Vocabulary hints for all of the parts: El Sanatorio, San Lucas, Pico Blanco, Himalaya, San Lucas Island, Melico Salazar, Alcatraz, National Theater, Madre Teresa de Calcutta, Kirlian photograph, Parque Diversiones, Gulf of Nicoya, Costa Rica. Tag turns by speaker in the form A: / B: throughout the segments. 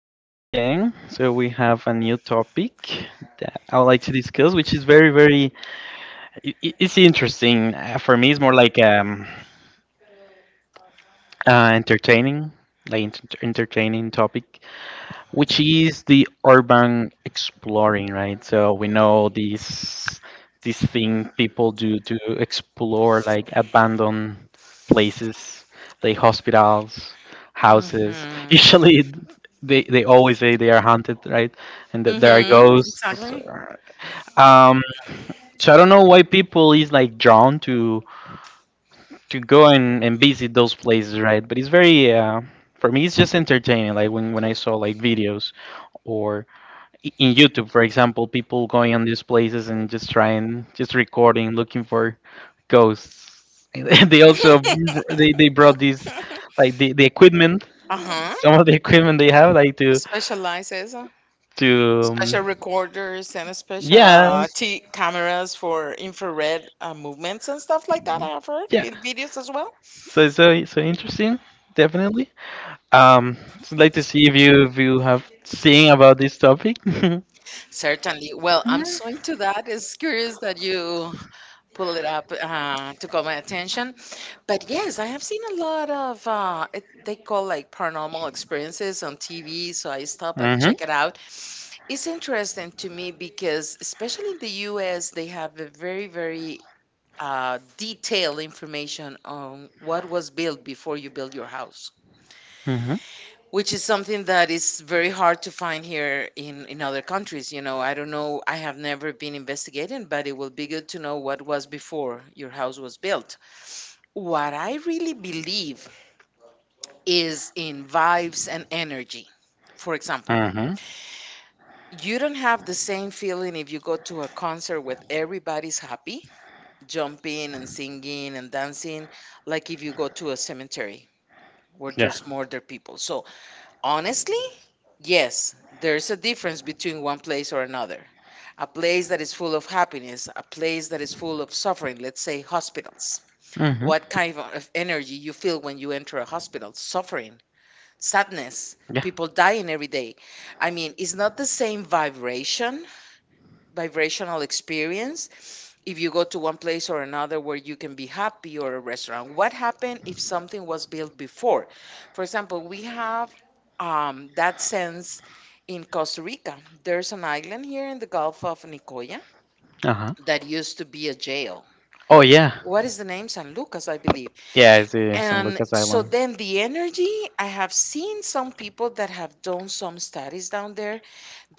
A: welcome again. So we have a new topic that I would like to discuss, which is very, very. I- It's interesting for me. It's more like entertaining, like entertaining topic, which is the urban exploring, right? So we know this thing people do to explore like abandoned places, like hospitals, houses.
B: Mhm.
A: Usually, they always say they are haunted, right? And that there are
B: Mhm.
A: ghosts.
B: Exactly.
A: Um, so I don't know why people is like drawn to go and, visit those places, right? But it's very for me, it's just entertaining. Like when I saw like videos, or in YouTube, for example, people going on these places and just trying, just recording, looking for ghosts. And they also they brought these like the equipment,
B: uh huh.
A: some of the equipment they have like to
B: Specializes.
A: to um,
B: Special recorders and special
A: yeah,
B: T cameras for infrared movements and stuff like that. I have heard
A: yeah.
B: in videos as well.
A: So interesting, definitely. Um, so I'd like to see if you have seen about this topic.
B: Certainly. Well, I'm so
A: Mm-hmm.
B: into that. It's curious that you pull it up to call my attention. But yes, I have seen a lot of they call like paranormal experiences on TV, so I stop and
A: Mm-hmm.
B: check it out. It's interesting to me because, especially in the US, they have a very, very detailed information on what was built before you build your house, which is something that is very hard to find here in other countries. You know, I don't know, I have never been investigating, but it will be good to know what was before your house was built. What I really believe is in vibes and energy. For example,
A: Mm-hmm.
B: you don't have the same feeling if you go to a concert with everybody's happy, jumping and singing and dancing, like if you go to a cemetery where
A: Yeah.
B: there's more dead people. So, honestly, yes, there's a difference between one place or another. A place that is full of happiness, a place that is full of suffering, let's say hospitals.
A: Mm-hmm.
B: What kind of energy you feel when you enter a hospital? Suffering, sadness.
A: Yeah.
B: People dying every day. I mean, it's not the same vibration, vibrational experience if you go to one place or another where you can be happy or a restaurant. What happened if something was built before? For example, we have that sense in Costa Rica. There's an island here in the Gulf of Nicoya
A: Uh-huh.
B: that used to be a jail.
A: Oh yeah.
B: What is the name? San Lucas, I believe.
A: Yeah, I see. It's
B: And
A: Lucas
B: so
A: Island.
B: then the energy, I have seen some people that have done some studies down there.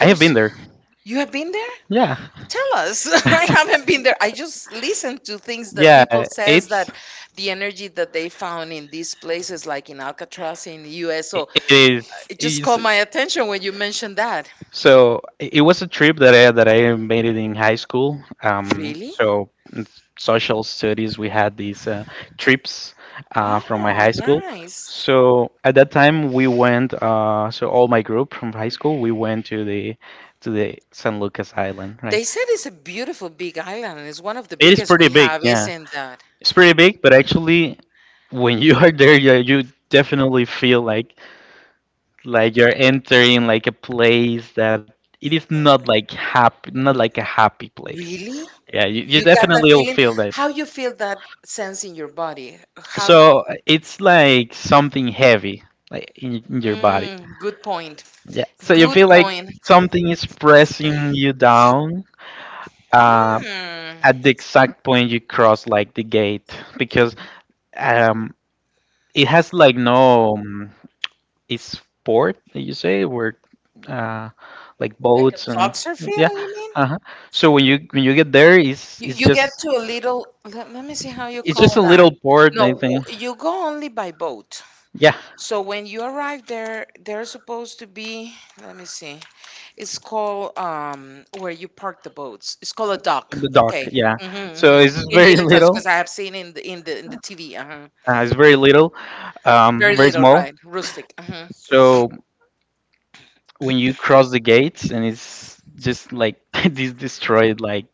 A: I have been there.
B: you have been there?
A: Yeah.
B: Tell us. I haven't been there. I just listened to things that
A: yeah,
B: people says that
A: it's
B: the energy that they found in these places, like in Alcatraz in the US. So
A: it is. Its
B: it just
A: is.
B: caught my attention when you
A: Is.
B: mentioned that.
A: So it was a trip that I made it in high school. Um,
B: Really?
A: so in social studies, we had these trips from my
B: Oh,
A: high school.
B: nice.
A: So at that time, we went. So all my group from high school, we went to the San Lucas Island,
B: They
A: right?
B: said it's a beautiful big island. It's one of the
A: It is
B: biggest we
A: pretty big,
B: have,
A: yeah.
B: isn't it?
A: It's pretty big, but actually, when you are there, yeah, you definitely feel like you're entering like a place that it is not like happy, not like a happy place.
B: Really?
A: Yeah, you
B: Yeah, got that
A: definitely will
B: feeling.
A: feel that.
B: How you feel that sense in your body? How?
A: So it's like something heavy, like in your body.
B: Mm, good point.
A: Yeah.
B: So
A: So you
B: good
A: feel like
B: point.
A: something is pressing you down. Uh,
B: Hmm.
A: at the exact point you cross like the gate because um it has like no Is sport that you say where uh like a boats and soft yeah,
B: Feel, you mean?
A: uh-huh. So when you get there
B: You, get to a little, let me see how you
A: it's just
B: call
A: a
B: that.
A: little port, I
B: No,
A: think.
B: you go only by boat.
A: Yeah,
B: So when you arrive there, there's supposed to be, let me see. It's called where you park the boats. It's called a dock.
A: the dock. Okay,
B: Okay.
A: yeah.
B: hmm
A: So
B: hmm
A: it's
B: In
A: very
B: the entrance,
A: little,
B: because I have seen in the TV. Uh-huh.
A: it's very little, um,
B: Very
A: very
B: little,
A: small.
B: right? Rustic. Uh-huh.
A: So when you cross the gates and it's just like this destroyed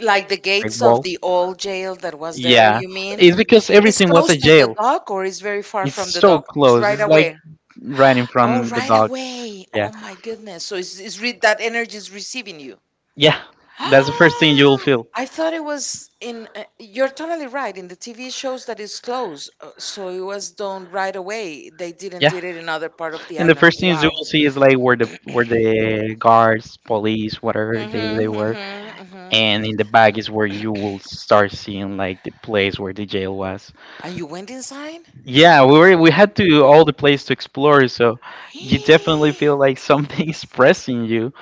B: Like the
A: like
B: gates of
A: wall.
B: the old jail that was there.
A: Yeah,
B: You mean?
A: it's because
B: It's
A: everything was a
B: close to the
A: jail.
B: dock, or it's very far from
A: It's
B: the
A: so
B: dock? It's
A: close,
B: right
A: it's
B: away.
A: like right in front
B: Oh,
A: of the
B: right
A: dog.
B: away. Oh
A: Yeah.
B: my goodness. So it's that energy is receiving you.
A: Yeah. That's the first thing you will feel.
B: I thought it was in. You're totally right. In the TV shows that is closed, so it was done right away. They didn't
A: Yeah.
B: did it in other part of the
A: And the
B: island.
A: first things you
B: Wow.
A: will see is like where the guards, police, whatever they
B: Mhm.
A: were.
B: Mhm.
A: And in the back is where
B: Mhm.
A: you will start seeing like the place where the jail was.
B: And you went inside.
A: Yeah, we had to all the place to explore, so you definitely feel like something is pressing you.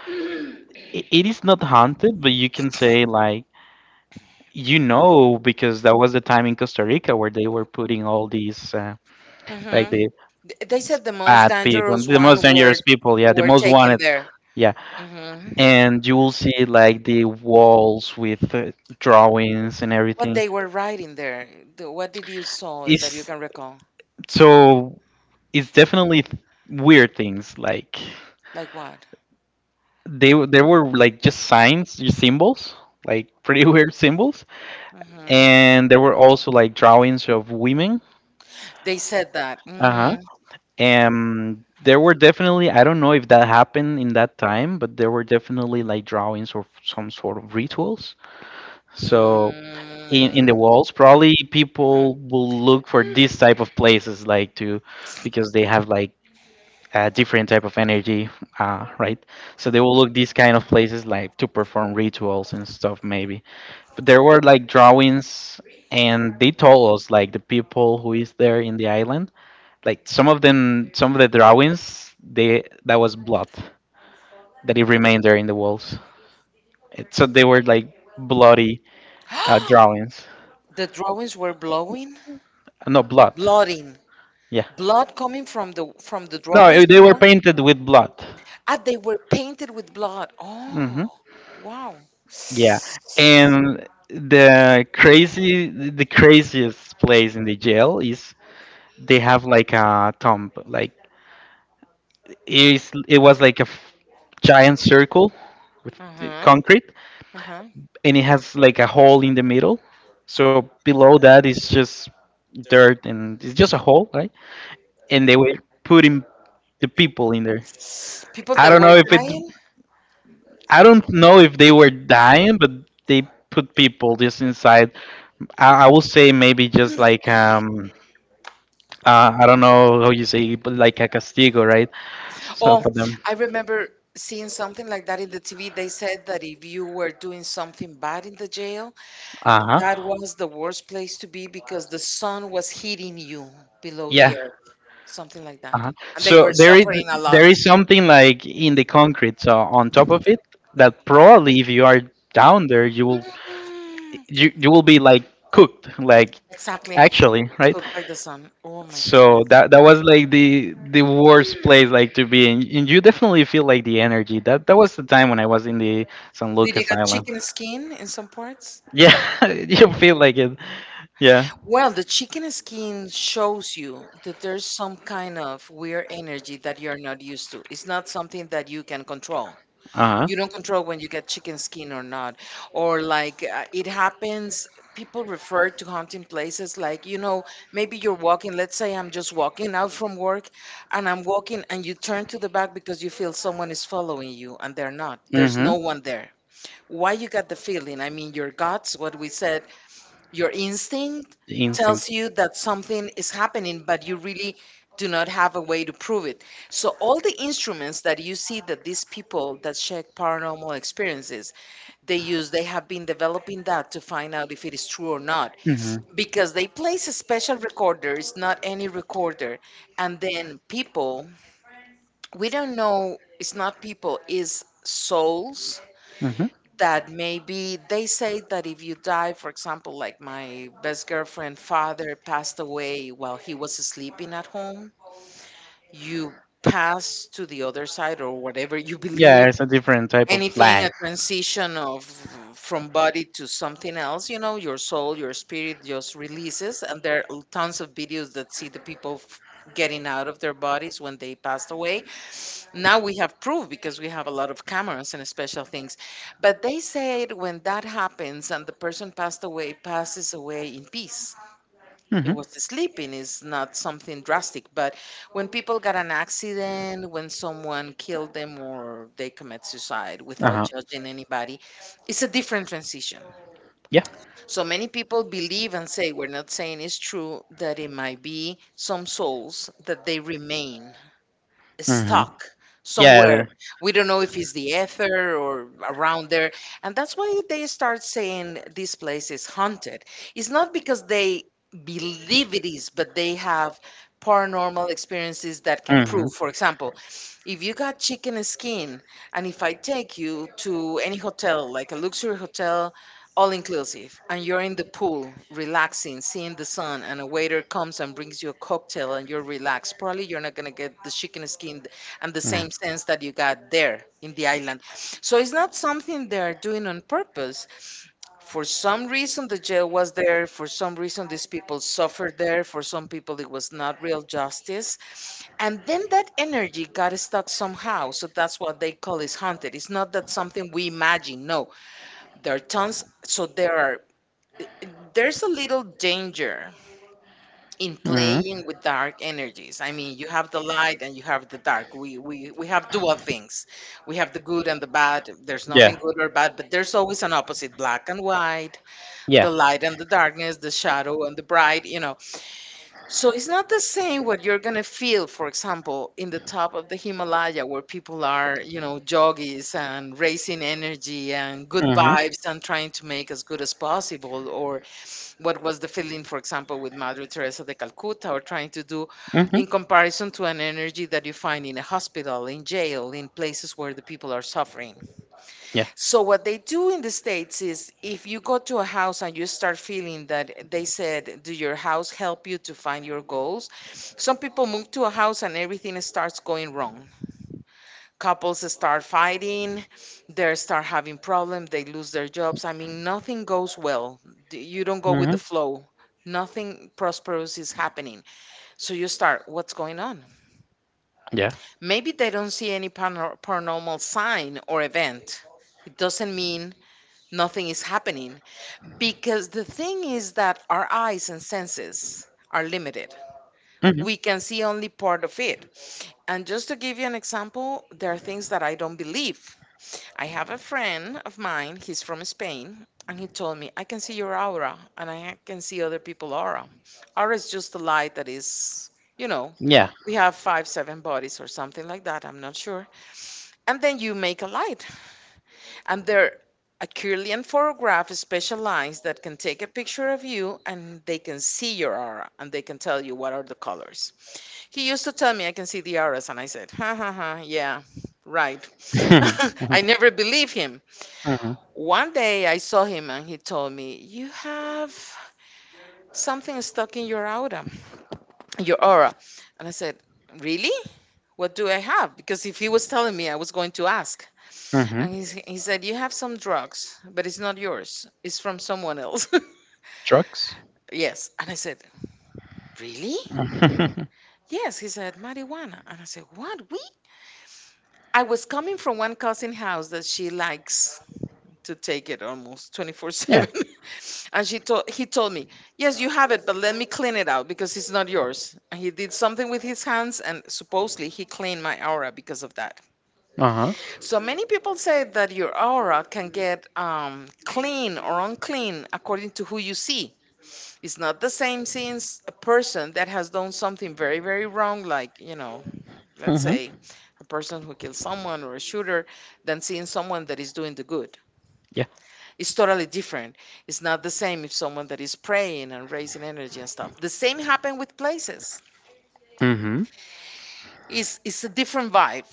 A: It is not haunted, but you can say like, you know, because that was the time in Costa Rica where they were putting all these, like
B: Mhm.
A: the
B: They said the most
A: bad people,
B: dangerous
A: the
B: one
A: most dangerous people, yeah, the
B: were
A: most
B: taken
A: wanted,
B: there.
A: yeah.
B: Mhm.
A: And you will see like the walls with drawings and
B: What
A: everything.
B: they were writing there? What did you saw that you
A: It's
B: can recall?
A: so it's definitely weird things like
B: Like what?
A: there were like just signs, just symbols, like pretty weird symbols,
B: Hmm.
A: and there were also like drawings of women.
B: They said that.
A: Uh
B: Mm,
A: And there were definitely, I don't know if that happened in that time, but there were definitely like drawings or some sort of rituals. So in the
B: mm,
A: walls, probably
B: mm.
A: people will look for these type of places, like to, because they have like a different type of energy, right? So they will look these kind of places like to perform rituals and stuff, maybe. But there were like drawings, and they told us like the people who is there in the island, like some of them, some of the drawings they that was blood that it remained there in the walls, it, so they were like bloody drawings.
B: The drawings were blowing,
A: No blood,
B: blooding,
A: yeah.
B: blood coming from the
A: No,
B: drawings. In
A: they
B: the
A: were
B: wall?
A: painted with blood.
B: Ah, they were painted with blood. Oh,
A: Hmm,
B: wow.
A: yeah. And the craziest place in the jail is they have like a tomb, like it was like a giant circle with the
B: Uh-huh.
A: concrete,
B: Uh-huh.
A: and it has like a hole in the middle. So below that is just dirt and it's just a hole, right? And they were putting the people in there.
B: People
A: I
B: that
A: don't
B: were
A: know if it.
B: dying.
A: I don't know if they were dying, but they put people just inside. I will say maybe just like I don't know how you say, but like a castigo, right? So
B: Oh,
A: for them,
B: I remember seeing something like that in the TV. They said that if you were doing something bad in the jail,
A: uh huh,
B: that was the worst place to be because the sun was hitting you below the
A: yeah.
B: earth, something like that.
A: Uh-huh.
B: And they
A: So
B: were suffering a lot.
A: there is something like in the concrete so on top of it that probably if you are down there you will
B: Mm,
A: you will be like cooked like,
B: exactly.
A: actually, right?
B: Cooked by the sun. Oh my
A: So
B: goodness.
A: that that was like the worst place like to be in and you definitely feel like the energy that that was the time when I was in the San
B: Did you
A: Lucas
B: get
A: Island.
B: chicken skin in some parts?
A: Yeah, you feel like it, yeah,
B: Well, the chicken skin shows you that there's some kind of weird energy that you're not used to. It's not something that you can control.
A: uh-huh.
B: You don't control when you get chicken skin or not, or like it happens. People refer to hunting places like, you know, maybe you're walking, let's say I'm just walking out from work, and I'm walking and you turn to the back because you feel someone is following you and they're not, there's
A: Mm-hmm.
B: no one there. Why you got the feeling? I mean, your guts, what we said, your instinct
A: Instinct.
B: tells you that something is happening, but you really do not have a way to prove it. So all the instruments that you see that these people that check paranormal experiences, they use, they have been developing that to find out if it is true or not.
A: Mm-hmm.
B: Because they place a special recorder, it's not any recorder. And then people, we don't know, it's not people, is souls
A: Hmm.
B: that maybe they say that if you die, for example, like my best girlfriend father passed away while he was sleeping at home, you pass to the other side or whatever you
A: Yeah,
B: believe,
A: it's a different type of
B: anything, a
A: life.
B: transition of from body to something else, you know, your soul, your spirit just releases. And there are tons of videos that see the people getting out of their bodies when they passed away. Now we have proof because we have a lot of cameras and special things. But they said when that happens and the person passed away, passes away in peace. It
A: Hmm.
B: was sleeping, is not something drastic. But when people got an accident, when someone killed them or they commit suicide without
A: Uh-huh.
B: judging anybody, it's a different transition.
A: Yeah.
B: So many people believe and say, we're not saying it's true, that it might be some souls that they remain
A: Hmm.
B: stuck somewhere.
A: Yeah.
B: We don't know if it's the ether or around there. And that's why they start saying this place is haunted. It's not because they believe it is, but they have paranormal experiences that can
A: Hmm.
B: prove. For example, if you got chicken skin, and if I take you to any hotel, like a luxury hotel, all inclusive, and you're in the pool relaxing, seeing the sun, and a waiter comes and brings you a cocktail and you're relaxed, probably you're not going to get the chicken skin and the
A: No.
B: same sense that you got there in the island. So it's not something they're doing on purpose. For some reason the jail was there, for some reason these people suffered there, for some people it was not real justice, and then that energy got stuck somehow. So that's what they call is haunted. It's not that something we imagine. No, there are tons. So there are, there's a little danger in
A: Hmm.
B: playing with dark energies. I mean, you have the light and you have the dark. We have dual things. We have the good and the bad. There's, yeah, nothing
A: Yeah.
B: good or bad, but there's always an opposite, black and white, yeah,
A: Yeah.
B: the light and the darkness, the shadow and the bright, you know. So it's not the same what you're going to feel, for example, in the top of the Himalaya where people are, you know, joggies and racing energy and good, mhm, vibes and trying to make as good as possible, or what was the feeling, for example, with Madre Teresa de Calcutta, or trying to do in
A: Mm-hmm.
B: comparison to an energy that you find in a hospital, in jail, in places where the people are suffering.
A: Yeah.
B: So, what they do in the States is if you go to a house and you start feeling that, they said, do your house help you to find your goals? Some people move to a house and everything starts going wrong, couples start fighting, they start having problems, they lose their jobs, I mean, nothing goes well. You don't go with the flow, nothing prosperous is happening. So you start, what's going on?
A: Yeah.
B: Maybe they don't see any paranormal sign or event. It doesn't mean nothing is happening, because the thing is that our eyes and senses are limited. We
A: Mm-hmm.
B: can see only part of it. And just to give you an example, there are things that I don't believe. I have a friend of mine, he's from Spain, and he told me, I can see your aura and I can see other people's aura. Aura is just a light that is, you know,
A: Yeah.
B: we have five, seven bodies or something like that, I'm not sure. And then you make a light. And there a Kirlian photograph is specialized that can take a picture of you and they can see your aura and they can tell you what are the colors. He used to tell me, I can see the auras. And I said, ha ha ha, yeah, right. I never believe him.
A: Mm-hmm.
B: One day I saw him and he told me, You have something stuck in your aura. And I said, Really? What do I have? Because if he was telling me, I was going to ask.
A: Mm-hmm.
B: And he said, You have some drugs, but it's not yours, it's from someone else.
A: Drugs.
B: Yes. And I said, Really?
A: I
B: Yes. He said, Marijuana. And I said, What? We? I was coming from one cousin house that she likes to take it almost 24/7. And she told he told me, yes, you have it, but let me clean it out because it's not yours. And he did something with his hands and supposedly he cleaned my aura because of that.
A: Uh-huh.
B: So many people say that your aura can get clean or unclean according to who you see. It's not the same since a person that has done something very very wrong, like let's
A: Mhm.
B: say a person who kills someone or a shooter, than seeing someone that is doing the good.
A: Yeah.
B: It's totally different. It's not the same if someone that is praying and raising energy and stuff. The same happened with places.
A: Mhm.
B: It's a different vibe,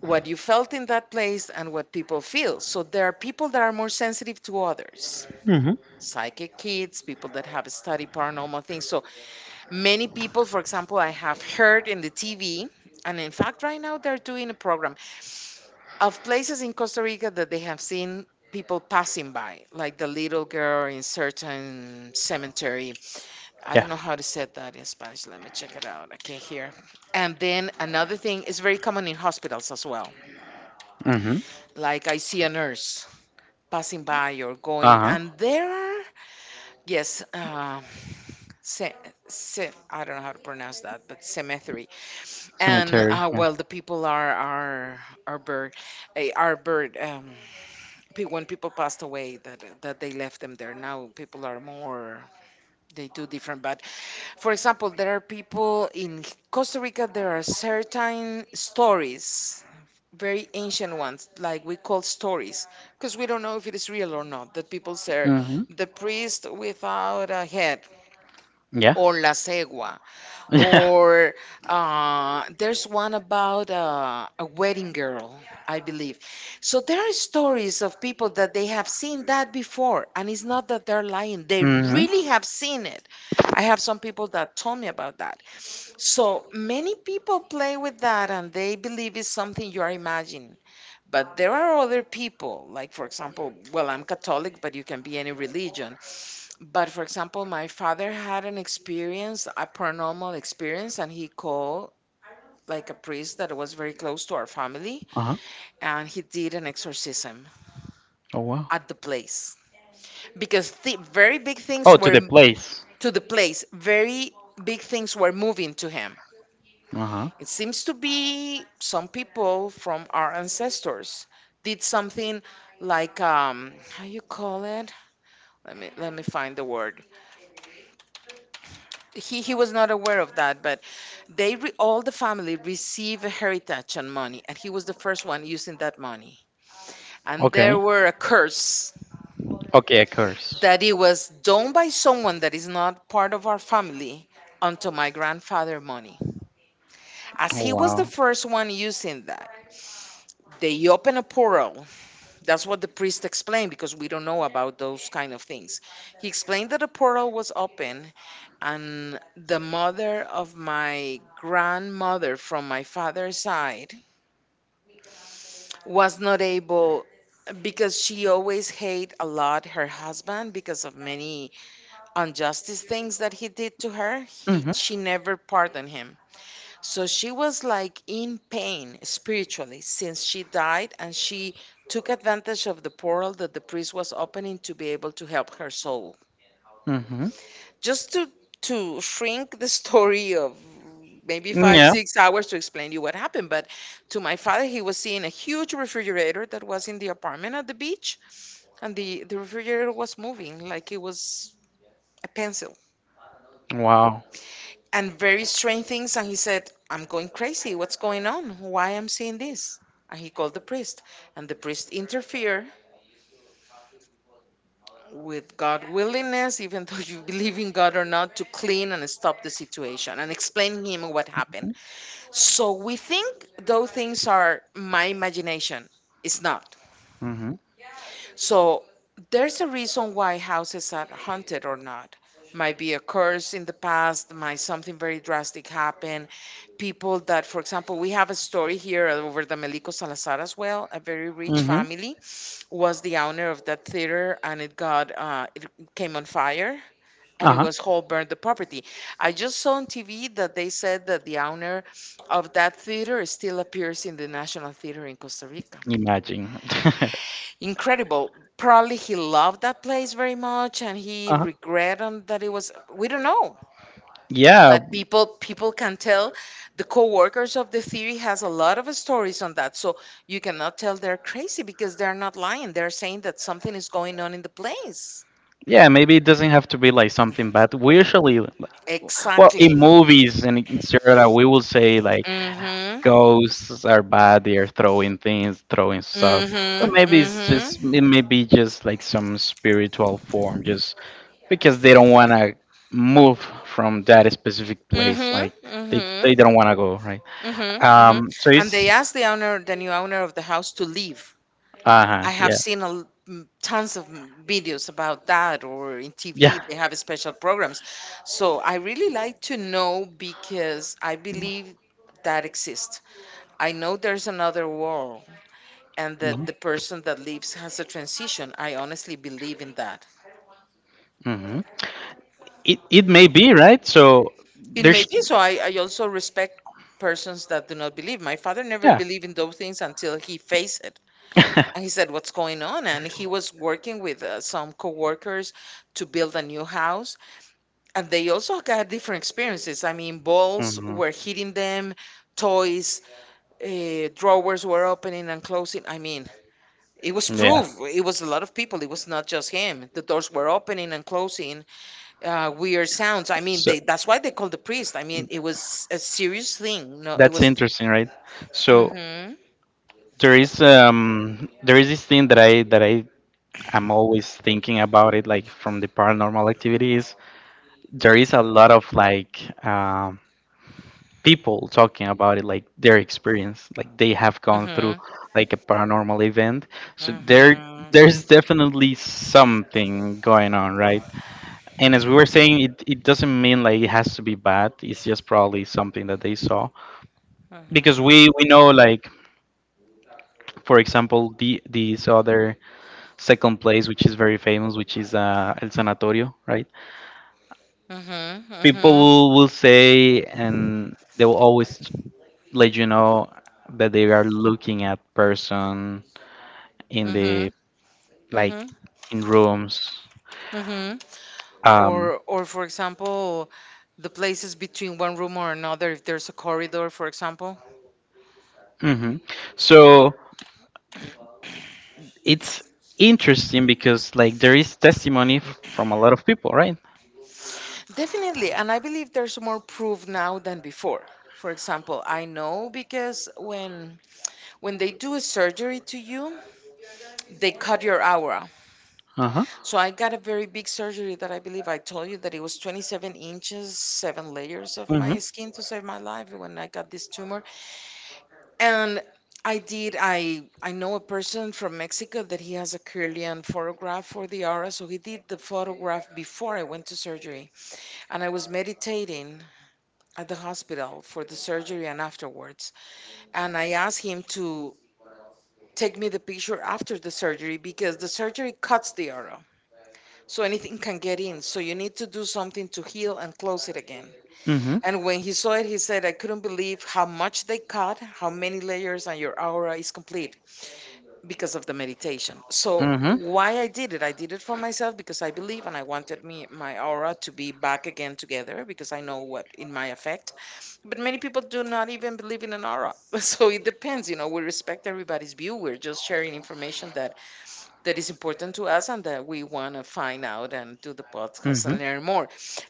B: what you felt in that place and what people feel. So there are people that are more sensitive to others,
A: Mhm.
B: psychic kids, people that have studied paranormal things. So many people, for example, I have heard in the TV, and in fact, right now they're doing a program of places in Costa Rica that they have seen people passing by, like the little girl in certain cemetery. I don't
A: Yeah.
B: know how to say that in Spanish. Let me check it out. I can't hear. And then another thing is very common in hospitals as well.
A: Mhm.
B: Like I see a nurse passing by or going,
A: Uh-huh.
B: and there are, yes, se- I don't know how to pronounce that, but cemetery. And
A: Cemetery. Yeah.
B: well, the people are bird, are bird. When people passed away, that they left them there. Now people are more, they do different. But for example, there are people in Costa Rica, there are certain stories, very ancient ones, like we call stories, because we don't know if it is real or not, that people say
A: Mhm.
B: the priest without a head,
A: Yeah.
B: or la cegua,
A: Yeah.
B: or there's one about a wedding girl, I believe. So there are stories of people that they have seen that before, and it's not that they're lying, they really
A: Mhm.
B: have seen it. I have some people that told me about that. So many people play with that and they believe it's something you are imagining. But there are other people, like for example, well, I'm Catholic, but you can be any religion. But for example, my father had an experience, a paranormal experience, and he called like a priest that was very close to our family,
A: Uh-huh.
B: and he did an exorcism
A: Oh wow.
B: at the place, because very big things
A: Oh, to the place.
B: to the place, very big things were moving to him.
A: Uh-huh.
B: It seems to be some people from our ancestors did something like, how you call it, let me find the word. He was not aware of that. All the family received heritage and money, and he was the first one using that money. And there
A: Okay.
B: were a curse
A: Okay, a curse.
B: that it was done by someone that is not part of our family onto my grandfather money. As
A: Oh
B: he was
A: wow.
B: the first one using that, they open a portal. That's what the priest explained, because we don't know about those kind of things. He explained that a portal was open and the mother of my grandmother from my father's side was not able, because she always hate a lot her husband because of many injustice things that he did to her. he
A: Mhm.
B: she never pardoned him. So she was like in pain spiritually since she died, and she took advantage of the portal that the priest was opening to be able to help her soul.
A: Mm-hmm.
B: Just to shrink the story, of maybe five
A: Yeah.
B: six hours to explain you what happened. But to my father, he was seeing a huge refrigerator that was in the apartment at the beach, and the refrigerator was moving like it was a pencil,
A: Wow.
B: and very strange things. And he said, I'm going crazy, what's going on, why I'm seeing this? And he called the priest, and the priest interfered with God willingness, even though you believe in God or not, to clean and stop the situation and explain him what happened. So we think those things are my imagination. It's not.
A: Mm-hmm.
B: So there's a reason why houses are haunted or not. Might be a curse in the past, might something very drastic happen. People that, for example, we have a story here over the Melico Salazar as well. A very rich
A: Mm-hmm.
B: family was the owner of that theater, and it came on fire, and it
A: Uh-huh.
B: was whole burned the property. I just saw on TV that they said that the owner of that theater still appears in the National Theater in Costa Rica.
A: Imagine.
B: Incredible. Probably he loved that place very much and he
A: Uh-huh.
B: regret on that, it was, we don't know.
A: Yeah.
B: But people can tell, the co-workers of the theory has a lot of stories on that. So you cannot tell they're crazy, because they're not lying. They're saying that something is going on in the place.
A: Yeah, maybe it doesn't have to be like something bad. We usually, like, well, in
B: Exactly.
A: movies and in serial, we will say like
B: Mm-hmm.
A: ghosts are bad. They are throwing things, throwing stuff. But
B: Mhm.
A: maybe it's
B: Mhm.
A: just it may be just like some spiritual form, just because they don't want to move from that specific place.
B: Mhm.
A: Like
B: Mhm. Mhm.
A: they don't want to go, right?
B: Mhm.
A: So
B: And
A: it's
B: they asked the owner, the new owner of the house, to leave.
A: uh
B: I
A: huh,
B: have
A: yeah,
B: seen a, tons of videos about that, or in TV
A: yeah.
B: they have special programs. So I really like to know because I believe that exists. I know there's another world, and that
A: Hmm.
B: the person that leaves has a transition. I honestly believe in that.
A: Hmm. It may be right. So
B: It may
A: there's
B: be so. I also respect persons that do not believe. My father never
A: yeah.
B: believed in those things until he faced it. And he said, What's going on? And he was working with some coworkers to build a new house. And they also got different experiences. I mean, balls
A: Mhm.
B: were hitting them, toys, drawers were opening and closing. I mean, it was
A: Yeah.
B: proof. It was a lot of people. It was not just him. The doors were opening and closing, weird sounds. I mean,
A: So
B: they that's why they called the priest. I mean, it was a serious thing. No, it
A: that's
B: was.
A: interesting, right? So
B: Mm-hmm.
A: there is this thing that I am always thinking about it, like from the paranormal activities. There is a lot of like people talking about it, like their experience, like they have
B: Mm-hmm.
A: gone through
B: Mm-hmm.
A: like a paranormal event. So
B: Mm-hmm. Mm-hmm.
A: there's definitely something going on, right? And as we were saying, it doesn't mean like it has to be bad. It's just probably something that they saw because we
B: Mm-hmm.
A: know like for example, these other second place, which is very famous, which is El Sanatorio, right? People will say, and they will always let you know that they are looking at person in the like
B: Mm-hmm.
A: in rooms.
B: Mm-hmm.
A: Um,
B: Or, for example, the places between one room or another, if there's a corridor, for example.
A: mhm. So it's interesting because like there is testimony from a lot of people, right?
B: Definitely, and I believe there's more proof now than before. For example, I know, because when they do a surgery to you, they cut your aura.
A: Uh huh.
B: So I got a very big surgery that I believe I told you that it was 27 inches, seven layers of my
A: Mhm.
B: skin to save my life when I got this tumor. And I did. I know a person from Mexico that he has a Kirlian photograph for the aura, so he did the photograph before I went to surgery. And I was meditating at the hospital for the surgery and afterwards. And I asked him to take me the picture after the surgery, because the surgery cuts the arrow, so anything can get in, so you need to do something to heal and close it again.
A: Mhm.
B: And when he saw it, he said, I couldn't believe how much they cut, how many layers, and your aura is complete because of the meditation. So
A: Mm-hmm.
B: why I did it, I did it for myself, because I believe, and I wanted me my aura to be back again together, because I know what it might affect. But many people do not even believe in an aura. So it depends, we respect everybody's view. We're just sharing information that is important to us, and that we want to find out and do the podcast
A: Mm-hmm.
B: and learn more.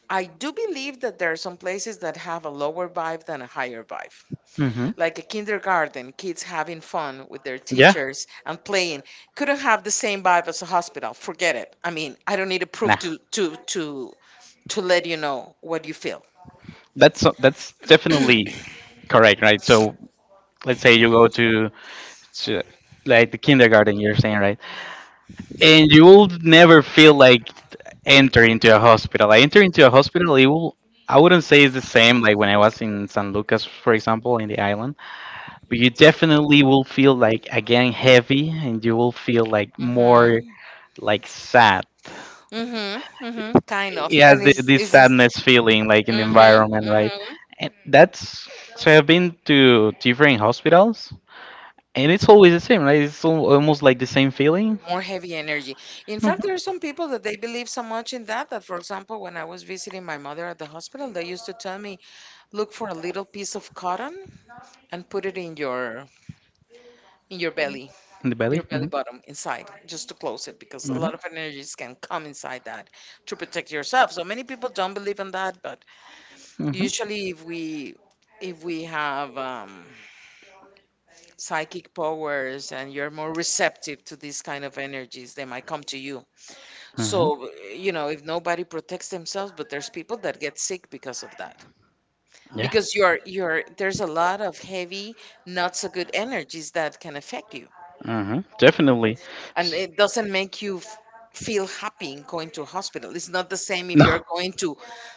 B: I do believe that there are some places that have a lower vibe than a higher vibe.
A: Mm-hmm.
B: Like a kindergarten, kids having fun with their
A: Yeah.
B: teachers and playing, couldn't have the same vibe as a hospital. Forget it. I mean, I don't need to prove
A: Nah.
B: to let you know what you feel.
A: That's definitely correct, right? So let's say you go to like the kindergarten, you're saying, right? And you will never feel like enter into a hospital. I enter into a hospital, it will I wouldn't say it's the same like when I was in San Lucas, for example, in the island, but you definitely will feel like again heavy and you will feel like more
B: Mhm.
A: like sad.
B: Mhm. Mhm. Kind of.
A: It
B: And
A: has the,
B: is
A: this
B: is a.
A: sadness feeling like in the
B: Mhm.
A: environment, right?
B: Mhm.
A: And that's so I've been to different hospitals and it's always the same, right? It's almost like the same feeling.
B: More heavy energy. In
A: Mhm.
B: fact, there are some people that they believe so much in that, for example, when I was visiting my mother at the hospital, they used to tell me, look for a little piece of cotton and put it in
A: In the belly,
B: your belly
A: hmm.
B: bottom inside, just to close it, because a
A: Hmm.
B: lot of energies can come inside that to protect yourself. So many people don't believe in that, but
A: Hmm.
B: usually if we have psychic powers and you're more receptive to these kind of energies, they might come to you.
A: Hmm.
B: So, you know, if nobody protects themselves, but there's people that get sick because of that.
A: Yeah.
B: Because you're there's a lot of heavy, not so good energies that can affect you.
A: Hmm. Definitely.
B: And
A: S-
B: it doesn't make you feel happy going to hospital. It's not the same if
A: no.
B: you're going to,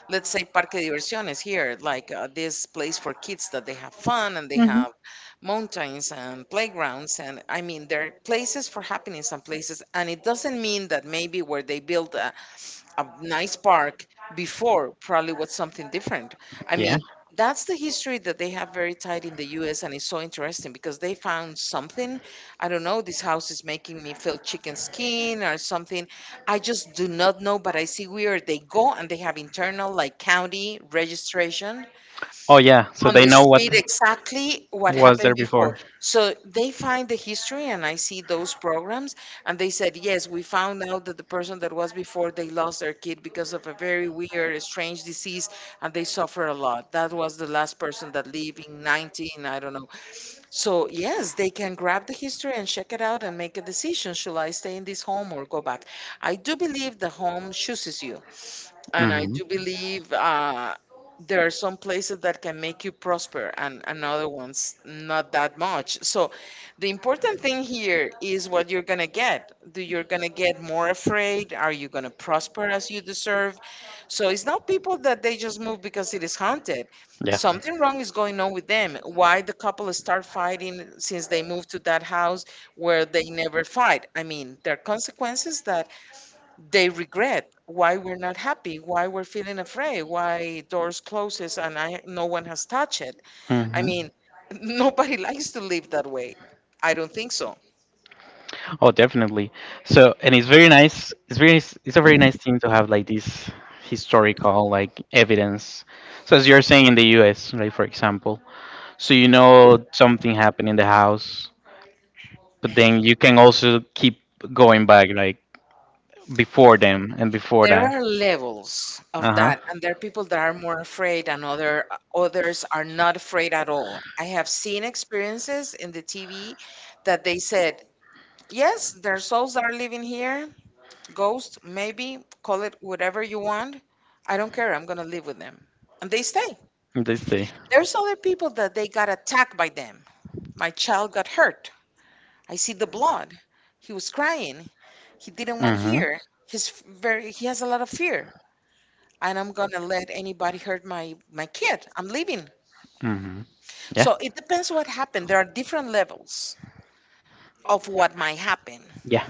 B: let's say, Parque Diversiones here, like this place for kids that they have fun and they
A: Hmm.
B: have mountains and playgrounds. And I mean, there are places for happiness and places. And it doesn't mean that maybe where they build a nice park before probably was something different. I
A: Yeah.
B: mean, that's the history that they have very tight in the US, and it's so interesting because they found something. I don't know, this house is making me feel chicken skin or something. I just do not know, but I see where they go and they have internal like county registration
A: Oh yeah, so
B: on
A: they
B: the
A: know what
B: street exactly what
A: was
B: happened
A: there
B: before.
A: before.
B: So they find the history, and I see those programs, and they said, yes, we found out that the person that was before they lost their kid because of a very weird, strange disease, and they suffer a lot. That was the last person that lived in 19, I don't know. So, yes, they can grab the history and check it out and make a decision. Shall I stay in this home or go back? I do believe the home chooses you. And I
A: Hmm.
B: do believe there are some places that can make you prosper and other ones not that much. So the important thing here is what you're going to get. Do you're going to get more afraid? Are you going to prosper as you deserve? So it's not people that they just move because it is haunted.
A: Yeah.
B: Something wrong is going on with them. Why the couple start fighting since they moved to that house where they never fight? I mean, there are consequences that they regret why we're not happy, why we're feeling afraid, why doors closes and I no one has touched it.
A: Hmm.
B: I mean, nobody likes to live that way. I don't think so.
A: Oh, definitely. So, and it's very nice. It's it's a very nice thing to have like this historical like evidence. So, as you're saying in the U.S., right? For example, so you know something happened in the house, but then you can also keep going back like before them and before
B: There
A: that.
B: are levels
A: Uh
B: of
A: huh.
B: that, and there are people that are more afraid, and other others are not afraid at all. I have seen experiences in the TV that they said, "Yes, there are souls that are living here, ghosts, maybe call it whatever you want. I don't care. I'm gonna live with them," and they stay.
A: They stay.
B: There's other people that they got attacked by them. My child got hurt. I see the blood. He was crying. He didn't want
A: Mm-hmm.
B: here. He's f- very he has a lot of fear. And I'm gonna let anybody hurt my kid. I'm leaving.
A: Mm-hmm. Yeah.
B: So it depends what happened. There are different levels of what might happen.
A: Yeah.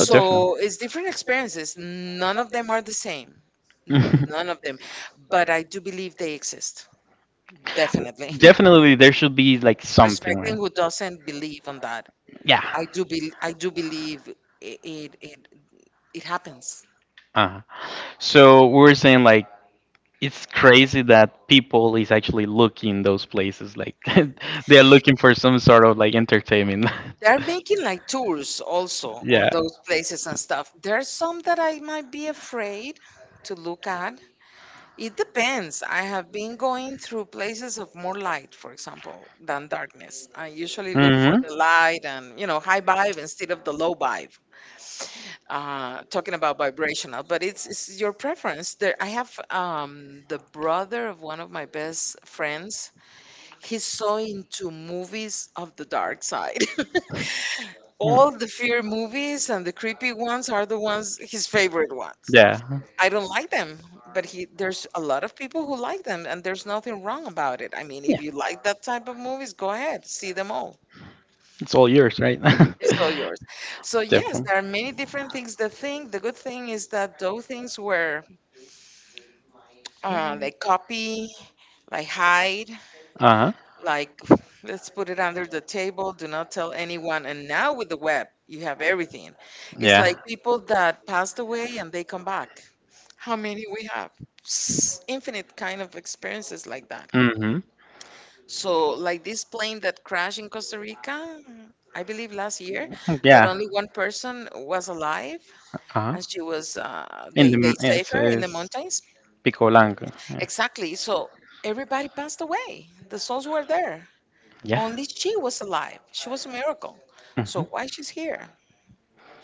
A: Oh definitely.
B: it's different experiences. None of them are the same. None of them. But I do believe they exist. Definitely.
A: Definitely, there should be like something,
B: Respecting
A: right?
B: who doesn't believe on that.
A: Yeah.
B: I do believe it, it it it happens.
A: Uh-huh. So we were saying like it's crazy that people is actually looking those places like they are looking for some sort of like entertainment.
B: They're making like tours also on
A: Yeah.
B: those places and stuff. There's some that I might be afraid to look at. It depends. I have been going through places of more light, for example, than darkness. I usually look for the
A: Mm-hmm.
B: light and, you know, high vibe instead of the low vibe. Talking about vibrational, but it's your preference. There, I have the brother of one of my best friends he's so into movies of the dark side. All the fear movies and the creepy ones are the ones his favorite ones.
A: Yeah.
B: I don't like them, but he there's a lot of people who like them, and there's nothing wrong about it. I mean,
A: Yeah,
B: if you like that type of movies, go ahead, see them all.
A: it's all yours, right?
B: It's all yours. So yes, there are many
A: Definitely.
B: different things. The thing, the good thing is that those things were like copy, like hide,
A: Uh huh.
B: like let's put it under the table, do not tell anyone, and now with the web you have everything. It's
A: Yeah.
B: like people that passed away and they come back. How many we have, infinite kind of experiences like that.
A: Mhm.
B: So like this plane that crashed in Costa Rica, I believe last year, that
A: Yeah.
B: only one person was alive,
A: Uh huh.
B: and she was
A: In
B: they
A: the
B: they saved
A: yes,
B: her in the
A: it's
B: mountains,
A: Pico Blanco. Yeah.
B: exactly. So everybody passed away, the souls were there.
A: Yeah.
B: Only she was alive. She was a miracle. So
A: Mhm.
B: why she's here?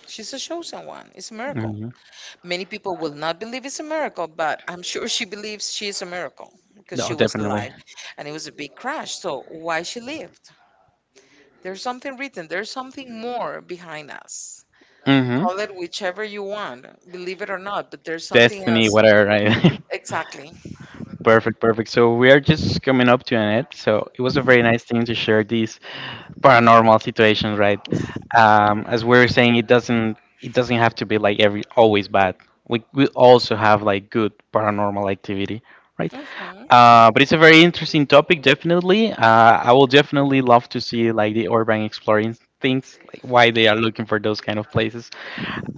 B: She's a chosen one. It's a miracle.
A: Mhm.
B: Many people will not believe it's a miracle, but I'm sure she believes she is a miracle because
A: No,
B: she was
A: definitely.
B: alive and it was a big crash. So why she lived? There's something written. There's something more behind us.
A: Mhm.
B: Call it whichever you want, believe it or not, but there's something
A: Destiny,
B: else.
A: whatever, right?
B: Exactly.
A: Perfect, perfect. So we are just coming up to an end. So it was a very nice thing to share these paranormal situations, right? As we were saying, it doesn't have to be like every always bad. We also have like good paranormal activity, right?
B: Hmm.
A: But it's a very interesting topic, definitely. I will definitely love to see like the urban exploring things, like why they are looking for those kind of places.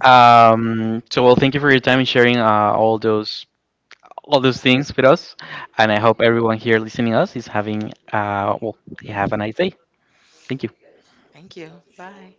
A: So well, thank you for your time and sharing all those things with us, and I hope everyone here listening us is having uh, well, have a nice day. Thank you.
B: Thank you. Bye.